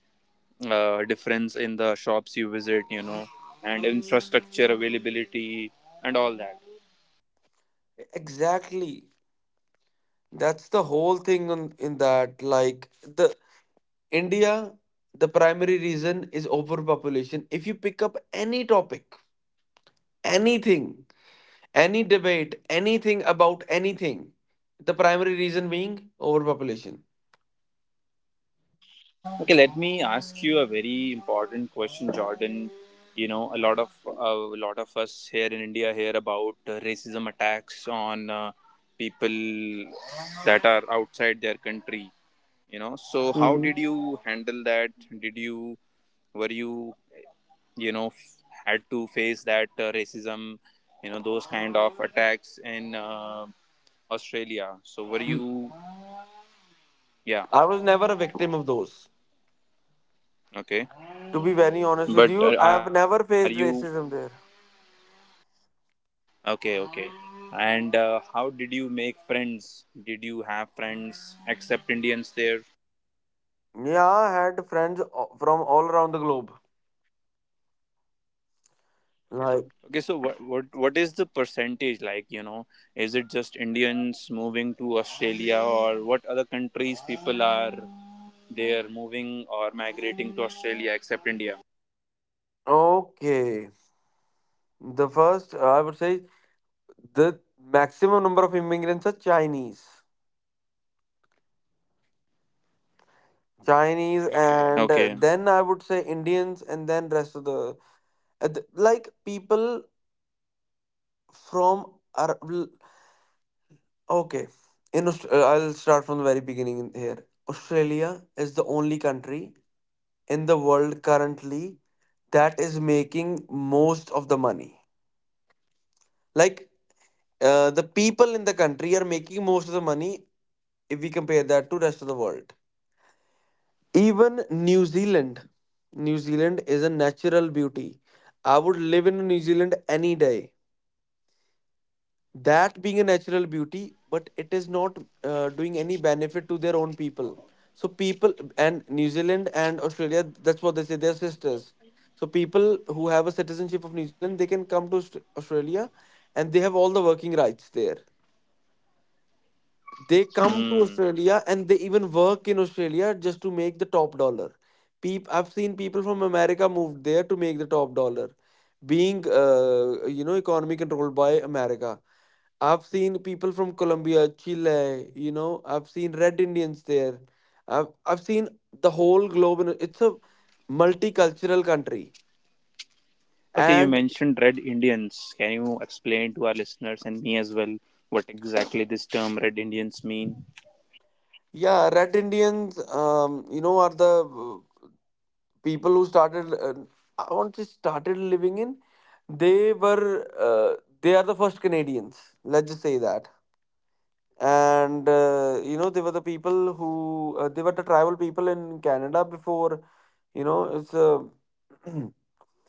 difference in the shops you visit, and infrastructure availability and all that.
Exactly, that's the whole thing in that, like, india the primary reason is overpopulation. If you pick up any topic, anything... Any debate, anything about anything. The primary reason being overpopulation.
Okay, let me ask you a very important question, Jordan. You know, a lot of us here in India hear about racism attacks on people that are outside their country, so how
Mhm.
did you handle that, did you were you you know f- had to face that racism, those kind of attacks in Australia, so were you? Yeah.
I was never a victim of those.
Okay.
To be very honest with
But
you, I
are
have
you
never faced racism there.
okay, okay. And how did you make friends? Did you have friends except Indians there?
Yeah, I had friends from all around the globe. Like...
Okay. So what, what is the percentage, is it just Indians moving to Australia or what other countries people are moving or migrating to Australia except India?
Okay, the first, I would say, the maximum number of immigrants are Chinese. Chinese, and
Okay.
then I would say Indians, and then rest of the... Like, people from... ar- l- Okay. I'll start from the very beginning here. Australia is the only country in the world currently that is making most of the money. Like, the people in the country are making most of the money if we compare that to rest of the world. Even New Zealand. New Zealand is a natural beauty. I would live in New Zealand any day. That being a natural beauty, but it is not doing any benefit to their own people. So people and New Zealand and Australia, that's what they say, they're sisters. So people who have a citizenship of New Zealand, they can come to Australia, and they have all the working rights there. They come to
Hmm.
Australia and they even work in Australia just to make the top dollar. I've seen people from America moved there to make the top dollar, being economy controlled by America. I've seen people from Colombia, Chile, I've seen red Indians there. I've seen the whole globe, and it's a multicultural country.
Okay, you
And...
mentioned Red Indians. Can you explain to our listeners and me as well what exactly this term Red Indians mean?
Yeah, red Indians, are the people who started I want to say started living in... they were uh, they are the first Canadians. Let's just say that. And they were the people who they were the tribal people in Canada before, you know, it's a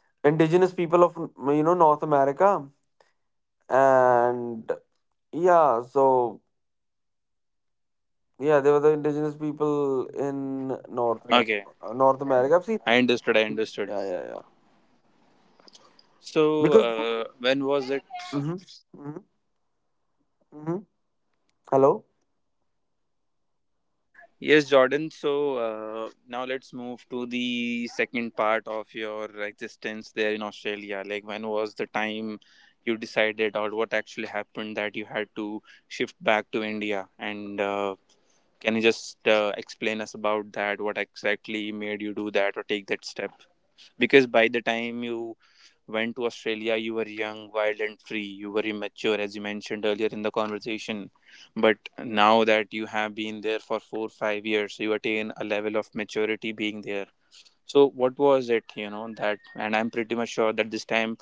[CLEARS THROAT] indigenous people of North America, and... Yeah, so yeah, they were the indigenous people in
Okay,
North America. I've seen...
I understood. I understood.
Yeah, yeah, yeah,
So,
because...
when was it?
Hmm. Hmm. Hmm. Hello?
Yes, Jordan. So now let's move to the second part of your existence there in Australia. Like, when was the time you decided, or what actually happened that you had to shift back to India? And can you just explain us about that? What exactly made you do that or take that step? Because by the time you went to Australia, you were young, wild, and free. You were immature, as you mentioned earlier in the conversation, but now that you have been there for 4 5 years, you attain a level of maturity being there. So what was it you know that and I'm pretty much sure that this time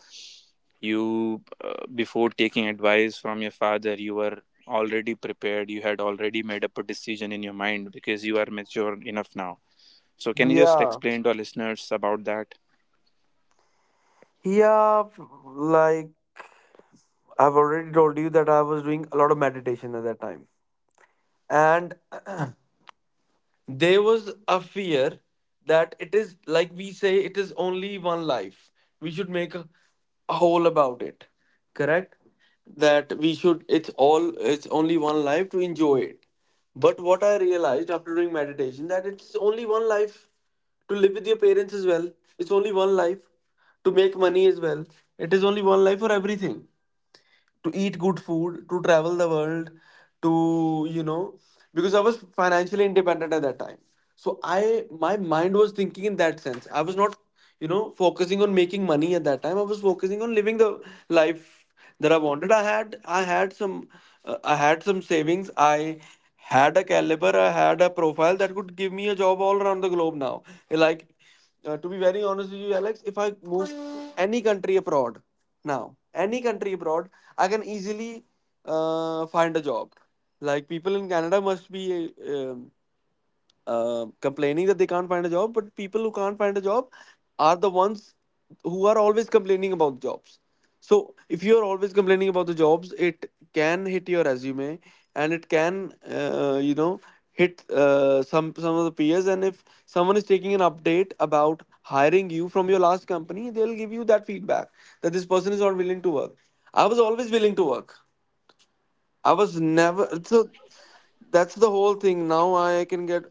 you before taking advice from your father, you were already prepared. You had already made up a decision in your mind because you are mature enough now. So can you just
Yeah,
explain to our listeners about that?
yeah, like, I've already told you that I was doing a lot of meditation at that time, and [CLEARS THROAT] there was a fear that it is, like, we say it is only one life, we should make a whole about it, correct? That we should... it's only one life to enjoy it. But what I realized after doing meditation, that it's only one life to live with your parents as well. It's only one life to make money as well. It is only one life for everything, to eat good food, to travel the world, to, you know, because I was financially independent at that time. So my mind was thinking in that sense. I was not, focusing on making money at that time. I was focusing on living the life that I wanted. I had some savings. I had a caliber. I had a profile that could give me a job all around the globe now. Like, to be very honest with you, Alex, if I move any country abroad now, any country abroad, I can easily find a job. Like, people in Canada must be complaining that they can't find a job, but people who can't find a job are the ones who are always complaining about jobs. So if you are always complaining about the jobs, it can hit your resume, and it can, hit some of the peers. And if someone is taking an update about hiring you from your last company, they'll give you that feedback that this person is not willing to work. I was always willing to work. I was never, so that's the whole thing. Now I can get,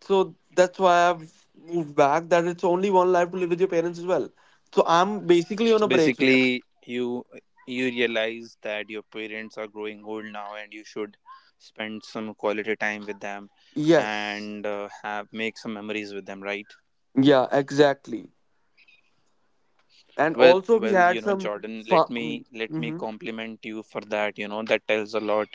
so that's why I've moved back. That, it's only one life to live with your parents as well. So I'm basically on
So
a break here.
basically, you realize that your parents are growing old now, and you should spend some quality time with them,
Yes.
and have make some memories with them, right?
Yeah. Exactly. And
Well,
also we
well, you
had
know,
some
Jordan, let me
fun.
let me
Mm-hmm.
compliment you for that. That tells a lot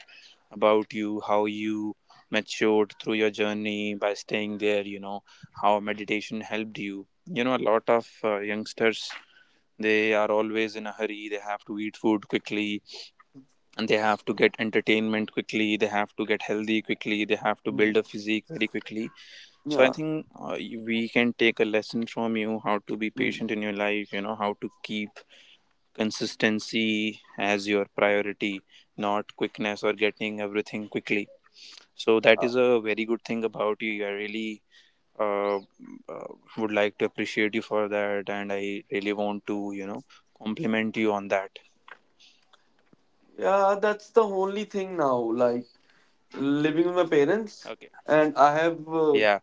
about you, how you matured through your journey by staying there. How meditation helped you. A lot of youngsters, they are always in a hurry. They have to eat food quickly, and they have to get entertainment quickly, they have to get healthy quickly, they have to
Mm-hmm.
build a physique very quickly. So I
Yeah.
think we can take a lesson from you how to be
Mm.
patient in your life, how to keep consistency as your priority, not quickness or getting everything quickly. So that
Yeah.
is a very good thing about you. I really, uh, uh, would like to appreciate you for that, and I really want to compliment you on that.
Yeah. That's the only thing now. Like, living with my parents,
Okay.
and I have.
Yeah.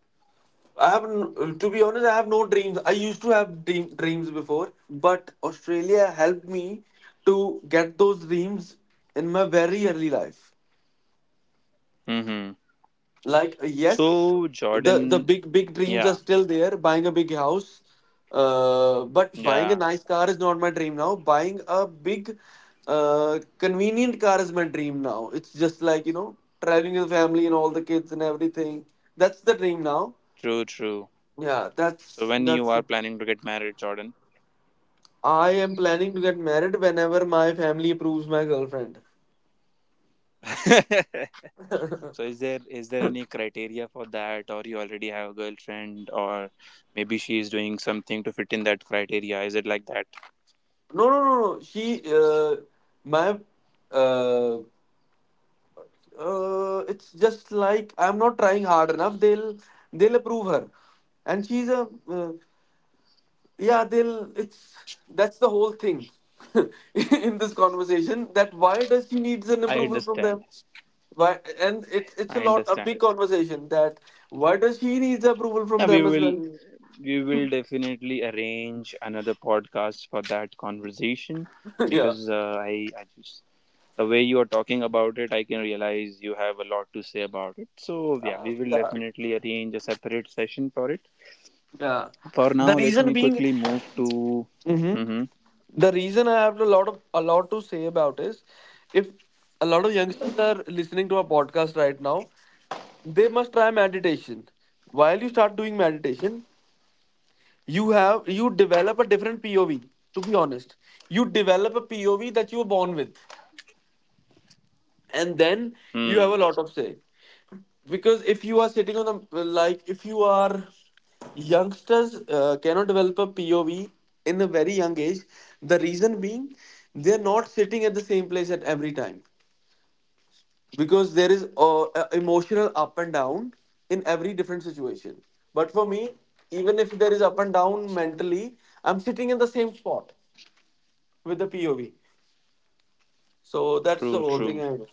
To be honest, I have no dreams. I used to have dreams before, but Australia helped me to get those dreams in my very early life.
Mm-hmm.
Like, yes,
So,
the
Jordan.
big big dreams are
Yeah,
still there. Buying a big house, but buying a
yeah,
nice car is not my dream now. Buying a big, convenient car is my dream now. It's just like, traveling with the family and all the kids and everything. That's the dream now.
true, true.
Yeah,
So
that's
when you
that's.
are planning to get married, Jordan?
I am planning to get married whenever my family approves my girlfriend.
[LAUGHS] So is there any criteria for that, or you already have a girlfriend, or maybe she is doing something to fit in that criteria? Is it like that?
No, no, no, no. She, my, uh, it's just like, I'm not trying hard enough. They'll approve her, and she's a, yeah. They'll. It's That's the whole thing. [LAUGHS] In this conversation, that, why does she needs an
I
approval from
understand.
them? Why, and it's a
I
lot, a
understand.
big conversation, that why does she needs approval
Yeah,
from
we
them as
will
well?
we will definitely arrange another podcast for that conversation,
[LAUGHS] Yeah.
because I just the way you are talking about it, I can realize you have a lot to say about it. So, yeah, we will
Yeah.
definitely arrange a separate session for it.
Yeah.
For
The
now, let
reason
me
being,
quickly move to.
Mhm,
Mm-hmm.
the reason I have a lot of, a lot to say about, is, if a lot of youngsters are listening to our podcast right now, they must try meditation. While you start doing meditation, you develop a different POV. To be honest, you develop a POV that you were born with, and then you have
Hmm.
a lot of say. Because, if you are sitting on the, like if you are, youngsters cannot develop a POV in a very young age, the reason being they're not sitting at the same place at every time, because there is a emotional up and down in every different situation. But for me, even if there is up and down mentally, I'm sitting in the same spot with the POV. So that's the
True,
whole
true.
thing,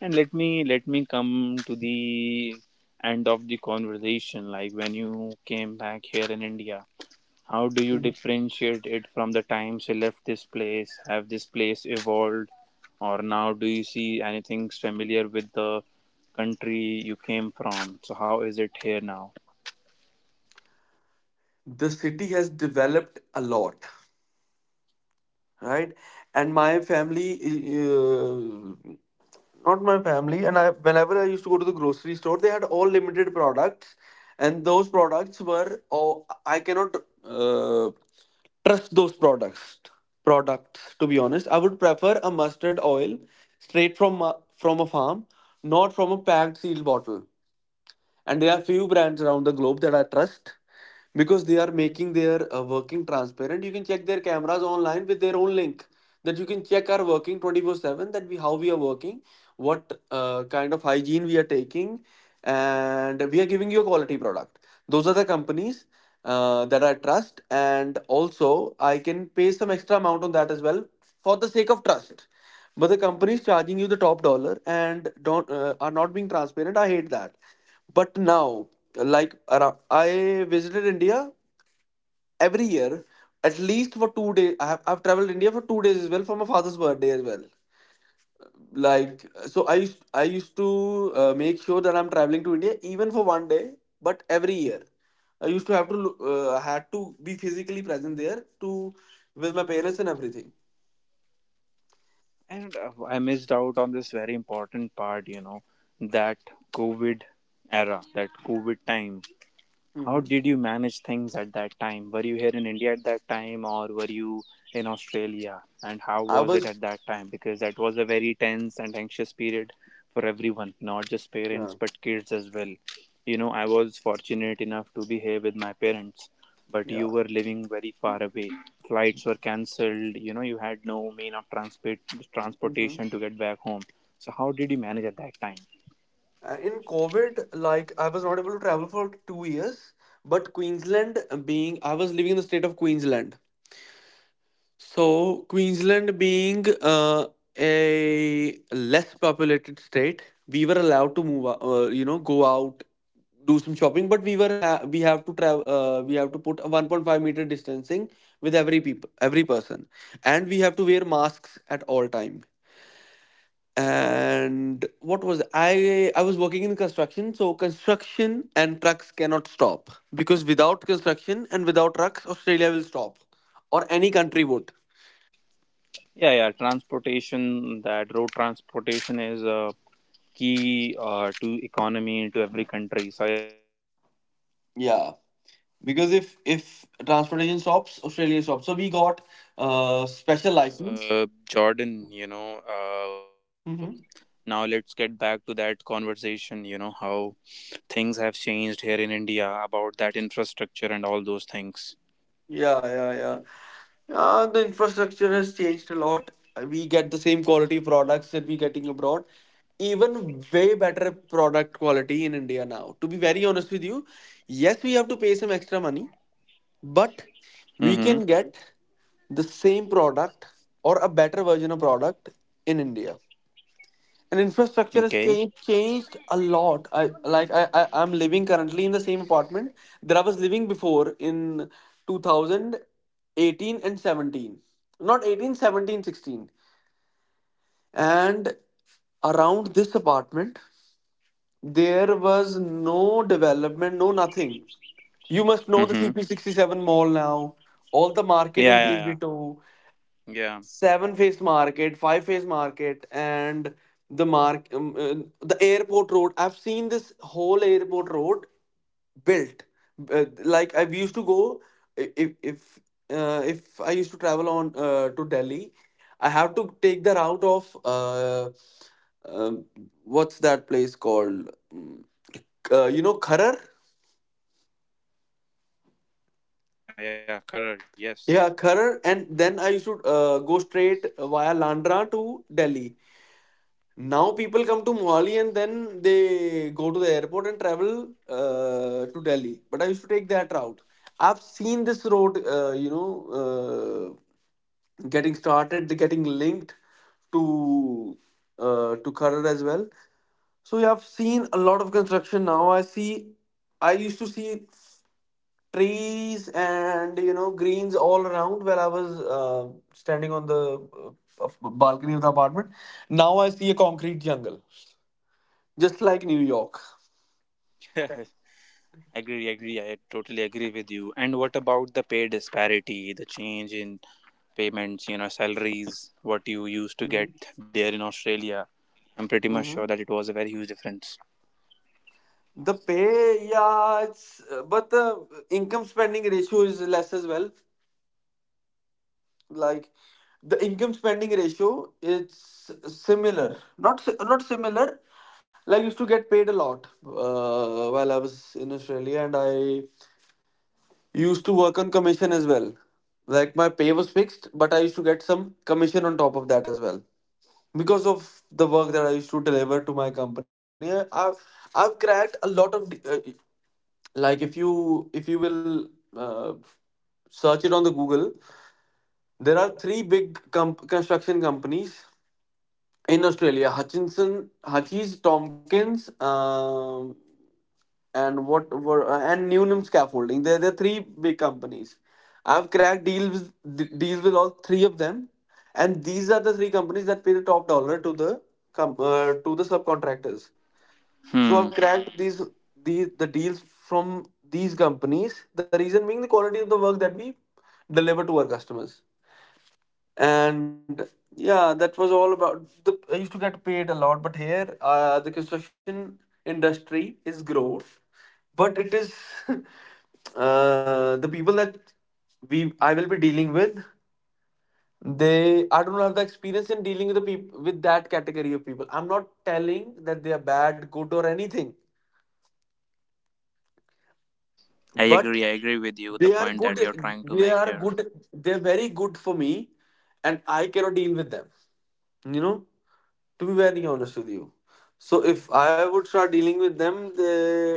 And let me come to the end of the conversation. Like when you came back here in India, how do you differentiate it from the time she left this place? Have this place evolved? Or now do you see anything familiar with the country you came from? So how is it here now?
the city has developed a lot, right? And my family, uh, not my family and I, whenever I used to go to the grocery store, they had all limited products, and those products were, oh, I cannot uh, trust those products. To be honest, I would prefer a mustard oil, straight from a farm, not from a packed sealed bottle. And there are few brands around the globe that I trust, because they are making their, working transparent. You can check their cameras online with their own link, that you can check our working 24/7, that we, how we are working, what kind of hygiene we are taking, and we are giving you a quality product. Those are the companies that I trust, and also I can pay some extra amount on that as well, for the sake of trust. But the companies charging you the top dollar and don't, are not being transparent, I hate that. But now, like, I visited India every year. At least for 2 days, I've traveled India for 2 days as well, for my father's birthday as well. Like, so I used to make sure that I'm traveling to India even for one day, but every year I used to had to be physically present there, to, with my parents and everything.
And I missed out on this very important part, that COVID era, that COVID time. How
Mhm.
did you manage things at that time? Were you here in India at that time, or were you in Australia? And how
I
was it
was.
at that time? Because that was a very tense and anxious period for everyone, not just
Yeah.
parents but kids as well. I was fortunate enough to be here with my parents, but you
Yeah.
were living very far away. Flights were cancelled, you had no mean of transport
Mm-hmm.
transportation to get back home. So how did you manage at that time?
In COVID, like, I was not able to travel for 2 years, but Queensland being, I was living in the state of Queensland. So, Queensland being, a less populated state, we were allowed to move out, go out, do some shopping. But we were we have to put a 1.5-meter distancing with every people, every person, and we have to wear masks at all time. And what was I was working in construction. So construction and trucks cannot stop, because without construction and without trucks, Australia will stop, or any country would.
Yeah, yeah, transportation, that road transportation is a key to economy to every country. So I agree on that part.
Yeah, because if transportation stops, Australia stops, so we got special license.
Jordan,
Mm-hmm.
now let's get back to that conversation, how things have changed here in India about that infrastructure and all those things.
Yeah, yeah, yeah. The infrastructure has changed a lot. We get the same quality products that we're getting abroad, even way better product quality in India now. To be very honest with you, yes, we have to pay some extra money, but we can
Mm-hmm.
get the same product, or a better version of product, in India, and infrastructure has changed
Okay.
changed a lot. I like I, I i'm living currently in the same apartment that I was living before, in 2018 and 17. Not 18, 17 16. And around this apartment there was no development, no nothing. You must know the CP67
Mm-hmm.
mall now, all the market in 3B2,
Yeah, yeah, yeah.
seven phase
Yeah.
market, five phase market, and the mark um, uh, the airport road. I've seen this whole airport road built. Like, I used to go I- if I used to travel on, to Delhi, I have to take the route of, um, what's that place called? Kharar.
Yeah, yeah, correct. Yes.
Yeah, Kharar. And then I used to go straight, via Landra, to Delhi. Now people come to Mohali and then they go to the airport and travel to Delhi. But I used to take that route. I've seen this road, getting started, getting linked to, to Kharad as well. So yeah, I've seen a lot of construction now. I see. I used to see trees and, greens all around, where I was, uh, standing on the, uh, balcony of the apartment. Now I see a concrete jungle, just like New York.
[LAUGHS] Agree, agree. I totally agree with you. And what about the pay disparity, the change in payments, salaries, what you
Hmm.
used to get there in Australia? I'm pretty
Hmm.
much sure that it was a very huge difference.
The pay, yeah, it's, but the income spending ratio is less as well. Like, the income spending ratio, it's similar. Not similar. Like, I used to get paid a lot while I was in Australia, and I used to work on commission as well. Like, my pay was fixed, but used to get some commission on top of that as well. Because of the work that I used to deliver to my company, I've cracked a lot of, like, if you will, uh, search it on the Google, there are three big construction companies in Australia: Hutchinson, Hutchies, Tompkins, and what were and Newnham Num Scaffolding. There are three big companies. I've cracked deals, deals with all three of them, and these are the three companies that pay the top dollar to the subcontractors. So I've
Hmm.
cracked these, the deals from these companies. The reason being, the quality of the work that we deliver to our customers. And yeah, that was all about the. I used to get paid a lot, but here, the construction industry is growth, but it is, [LAUGHS] the people that we I will be dealing with, they I don't have the experience in dealing with the people with that category of people. I'm not telling that they are bad, good, or anything,
I
but
agree. I agree with you.
they
The
are
point
good.
that you're trying to make here.
They're very good for me, and I cannot deal with them, you know to be very honest with you. So if I would start dealing with them,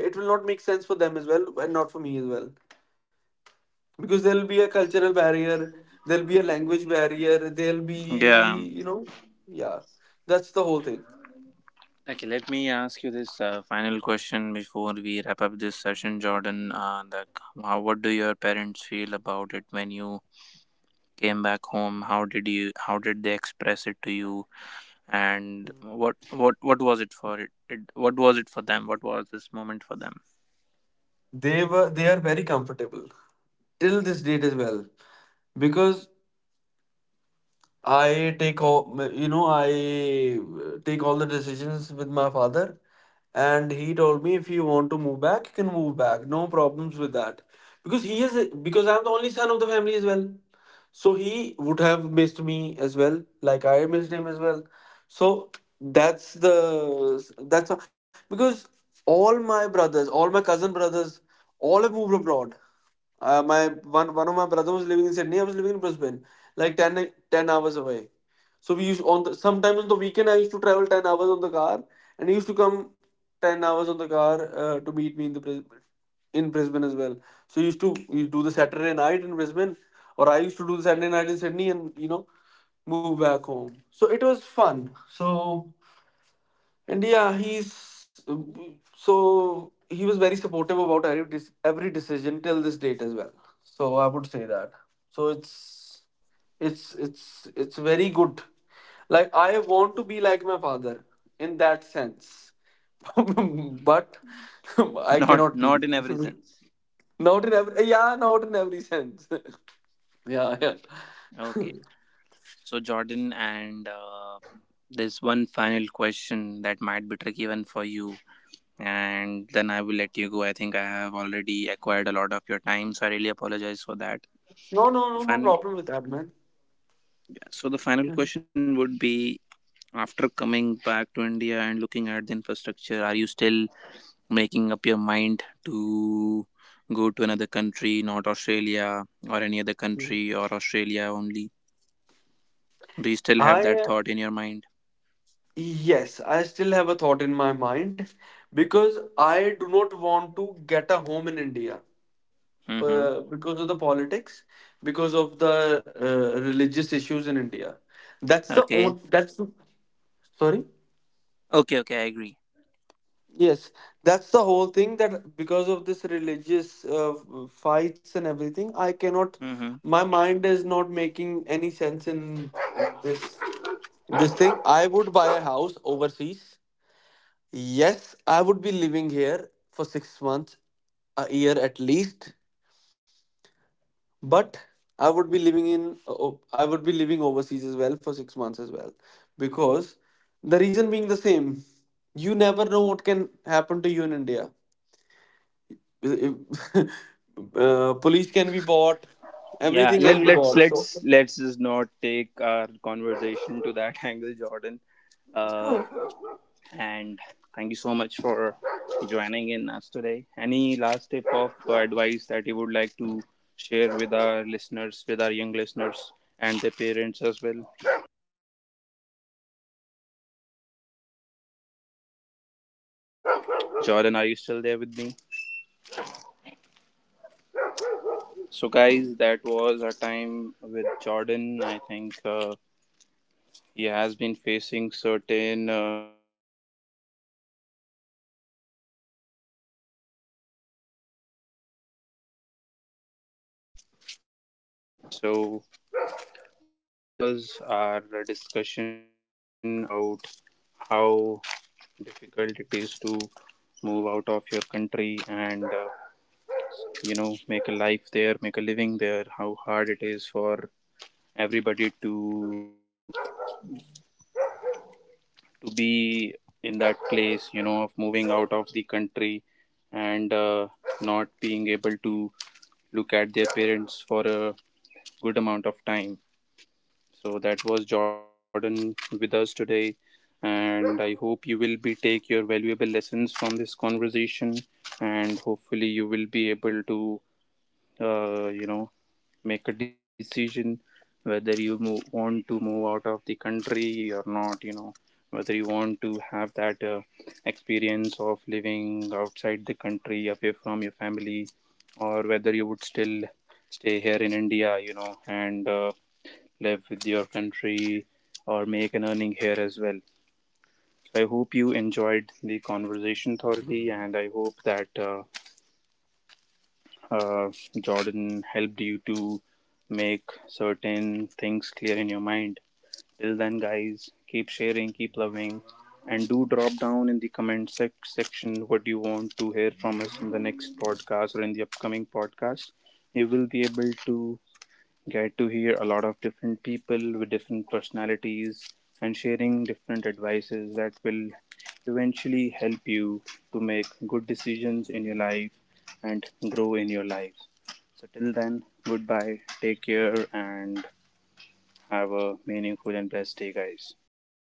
it will not make sense for them as well, and not for me as well, because there'll be a cultural barrier, there'll be a language barrier, there'll be,
Yeah.
you know yeah. That's the whole thing.
Okay. Let me ask you this final question before we wrap up this session, Jordan. How what do your parents feel about it when you came back home? How did you? How did they express it to you? And what was it for them? What was this moment for them?
They are very comfortable till this date as well, because I take all, you know, I take all the decisions with my father, and he told me, if you want to move back, you can move back. No problems with that. Because he is, because I'm the only son of the family as well. So he would have missed me as well, like I missed him as well. So that's the, that's how, because all my brothers, all my cousin brothers, all have moved abroad. My One of my brother was living in Sydney. I was living in Brisbane, like ten hours away. So we used, sometimes on the weekend I used to travel 10 hours on the car, and he used to come 10 hours on the car, to meet me in Brisbane as well. So he used to, you do the Saturday night in Brisbane, or I used to do the Saturday night in Sydney, and, move back home. So it was fun. So and yeah, he's so he was very supportive about every every decision till this date as well. So I would say that. So it's very good. Like, I want to be like my father in that sense, [LAUGHS] but [LAUGHS] I
[LAUGHS] Not
cannot be.
not in every
[LAUGHS]
sense.
Not in every, yeah, not in every sense. [LAUGHS] Yeah, yeah. [LAUGHS] No,
Okay. So Jordan, and. There's one final question that might be tricky even for you, and then I will let you go. I think I have already acquired a lot of your time, so I really apologize for that.
no, no,
The
no
final,
problem with that, man.
so the final question would be: After coming back to India and looking at the infrastructure, are you still making up your mind to go to another country, not Australia or any other
Mhm.
country, or Australia only? Do you still have that
I
thought in your mind?
Yes, I still have a thought in,
Mm-hmm. Okay. Okay. Okay. I agree.
because of this religious fights and everything, I cannot.
Mm-hmm.
My mind is not making any sense in this this thing. I would buy a house overseas. Yes, I would be living here for 6 months, a year at least. But I would be living in. I would be living overseas as well for 6 months as well, because the reason being the same. You never know what can happen to you in India. [LAUGHS] Police can be bought,
Yeah,
everything can
let,
be
let's
bought, so
let's let's just not take our conversation to that [LAUGHS] angle, Jordan. Uh,
[LAUGHS]
and thank you so much for joining in us today. Any last tip of advice that you would like to share with our listeners, with our young listeners, and their parents as well? Jordan, are you still there with me? So, guys, that was our time with Jordan. I think he has been facing certain issues with the network, or maybe there is some issue on my end. So that was our discussion about how difficult it is to move out of your country, and know make a life there, make a living there, how hard it is for everybody to be in that place, of moving out of the country, and not being able to look at their parents for a good amount of time. So that was Jordan with us today, and I hope you will be take your valuable lessons this conversation, and hopefully you will be able to uh, you know make a decision whether you want to move out of the country or not. Whether you want to have that experience of living outside the country, away from your family, or whether you still stay here in India. And live with your country, or make an earning here as well. I hope you enjoyed the conversation thoroughly, and I hope that uh, Jordan helped you to make certain things clear in your mind. Till then, guys, keep sharing, keep loving, and do drop down in the comment section what you want to hear from us in the next podcast or in the upcoming podcast. You will be able to hear a lot of different people with different personalities and sharing different advices that will eventually help you to make good decisions in your life and grow in your life. So, till then, goodbye, take care, and have a meaningful and blessed day, guys.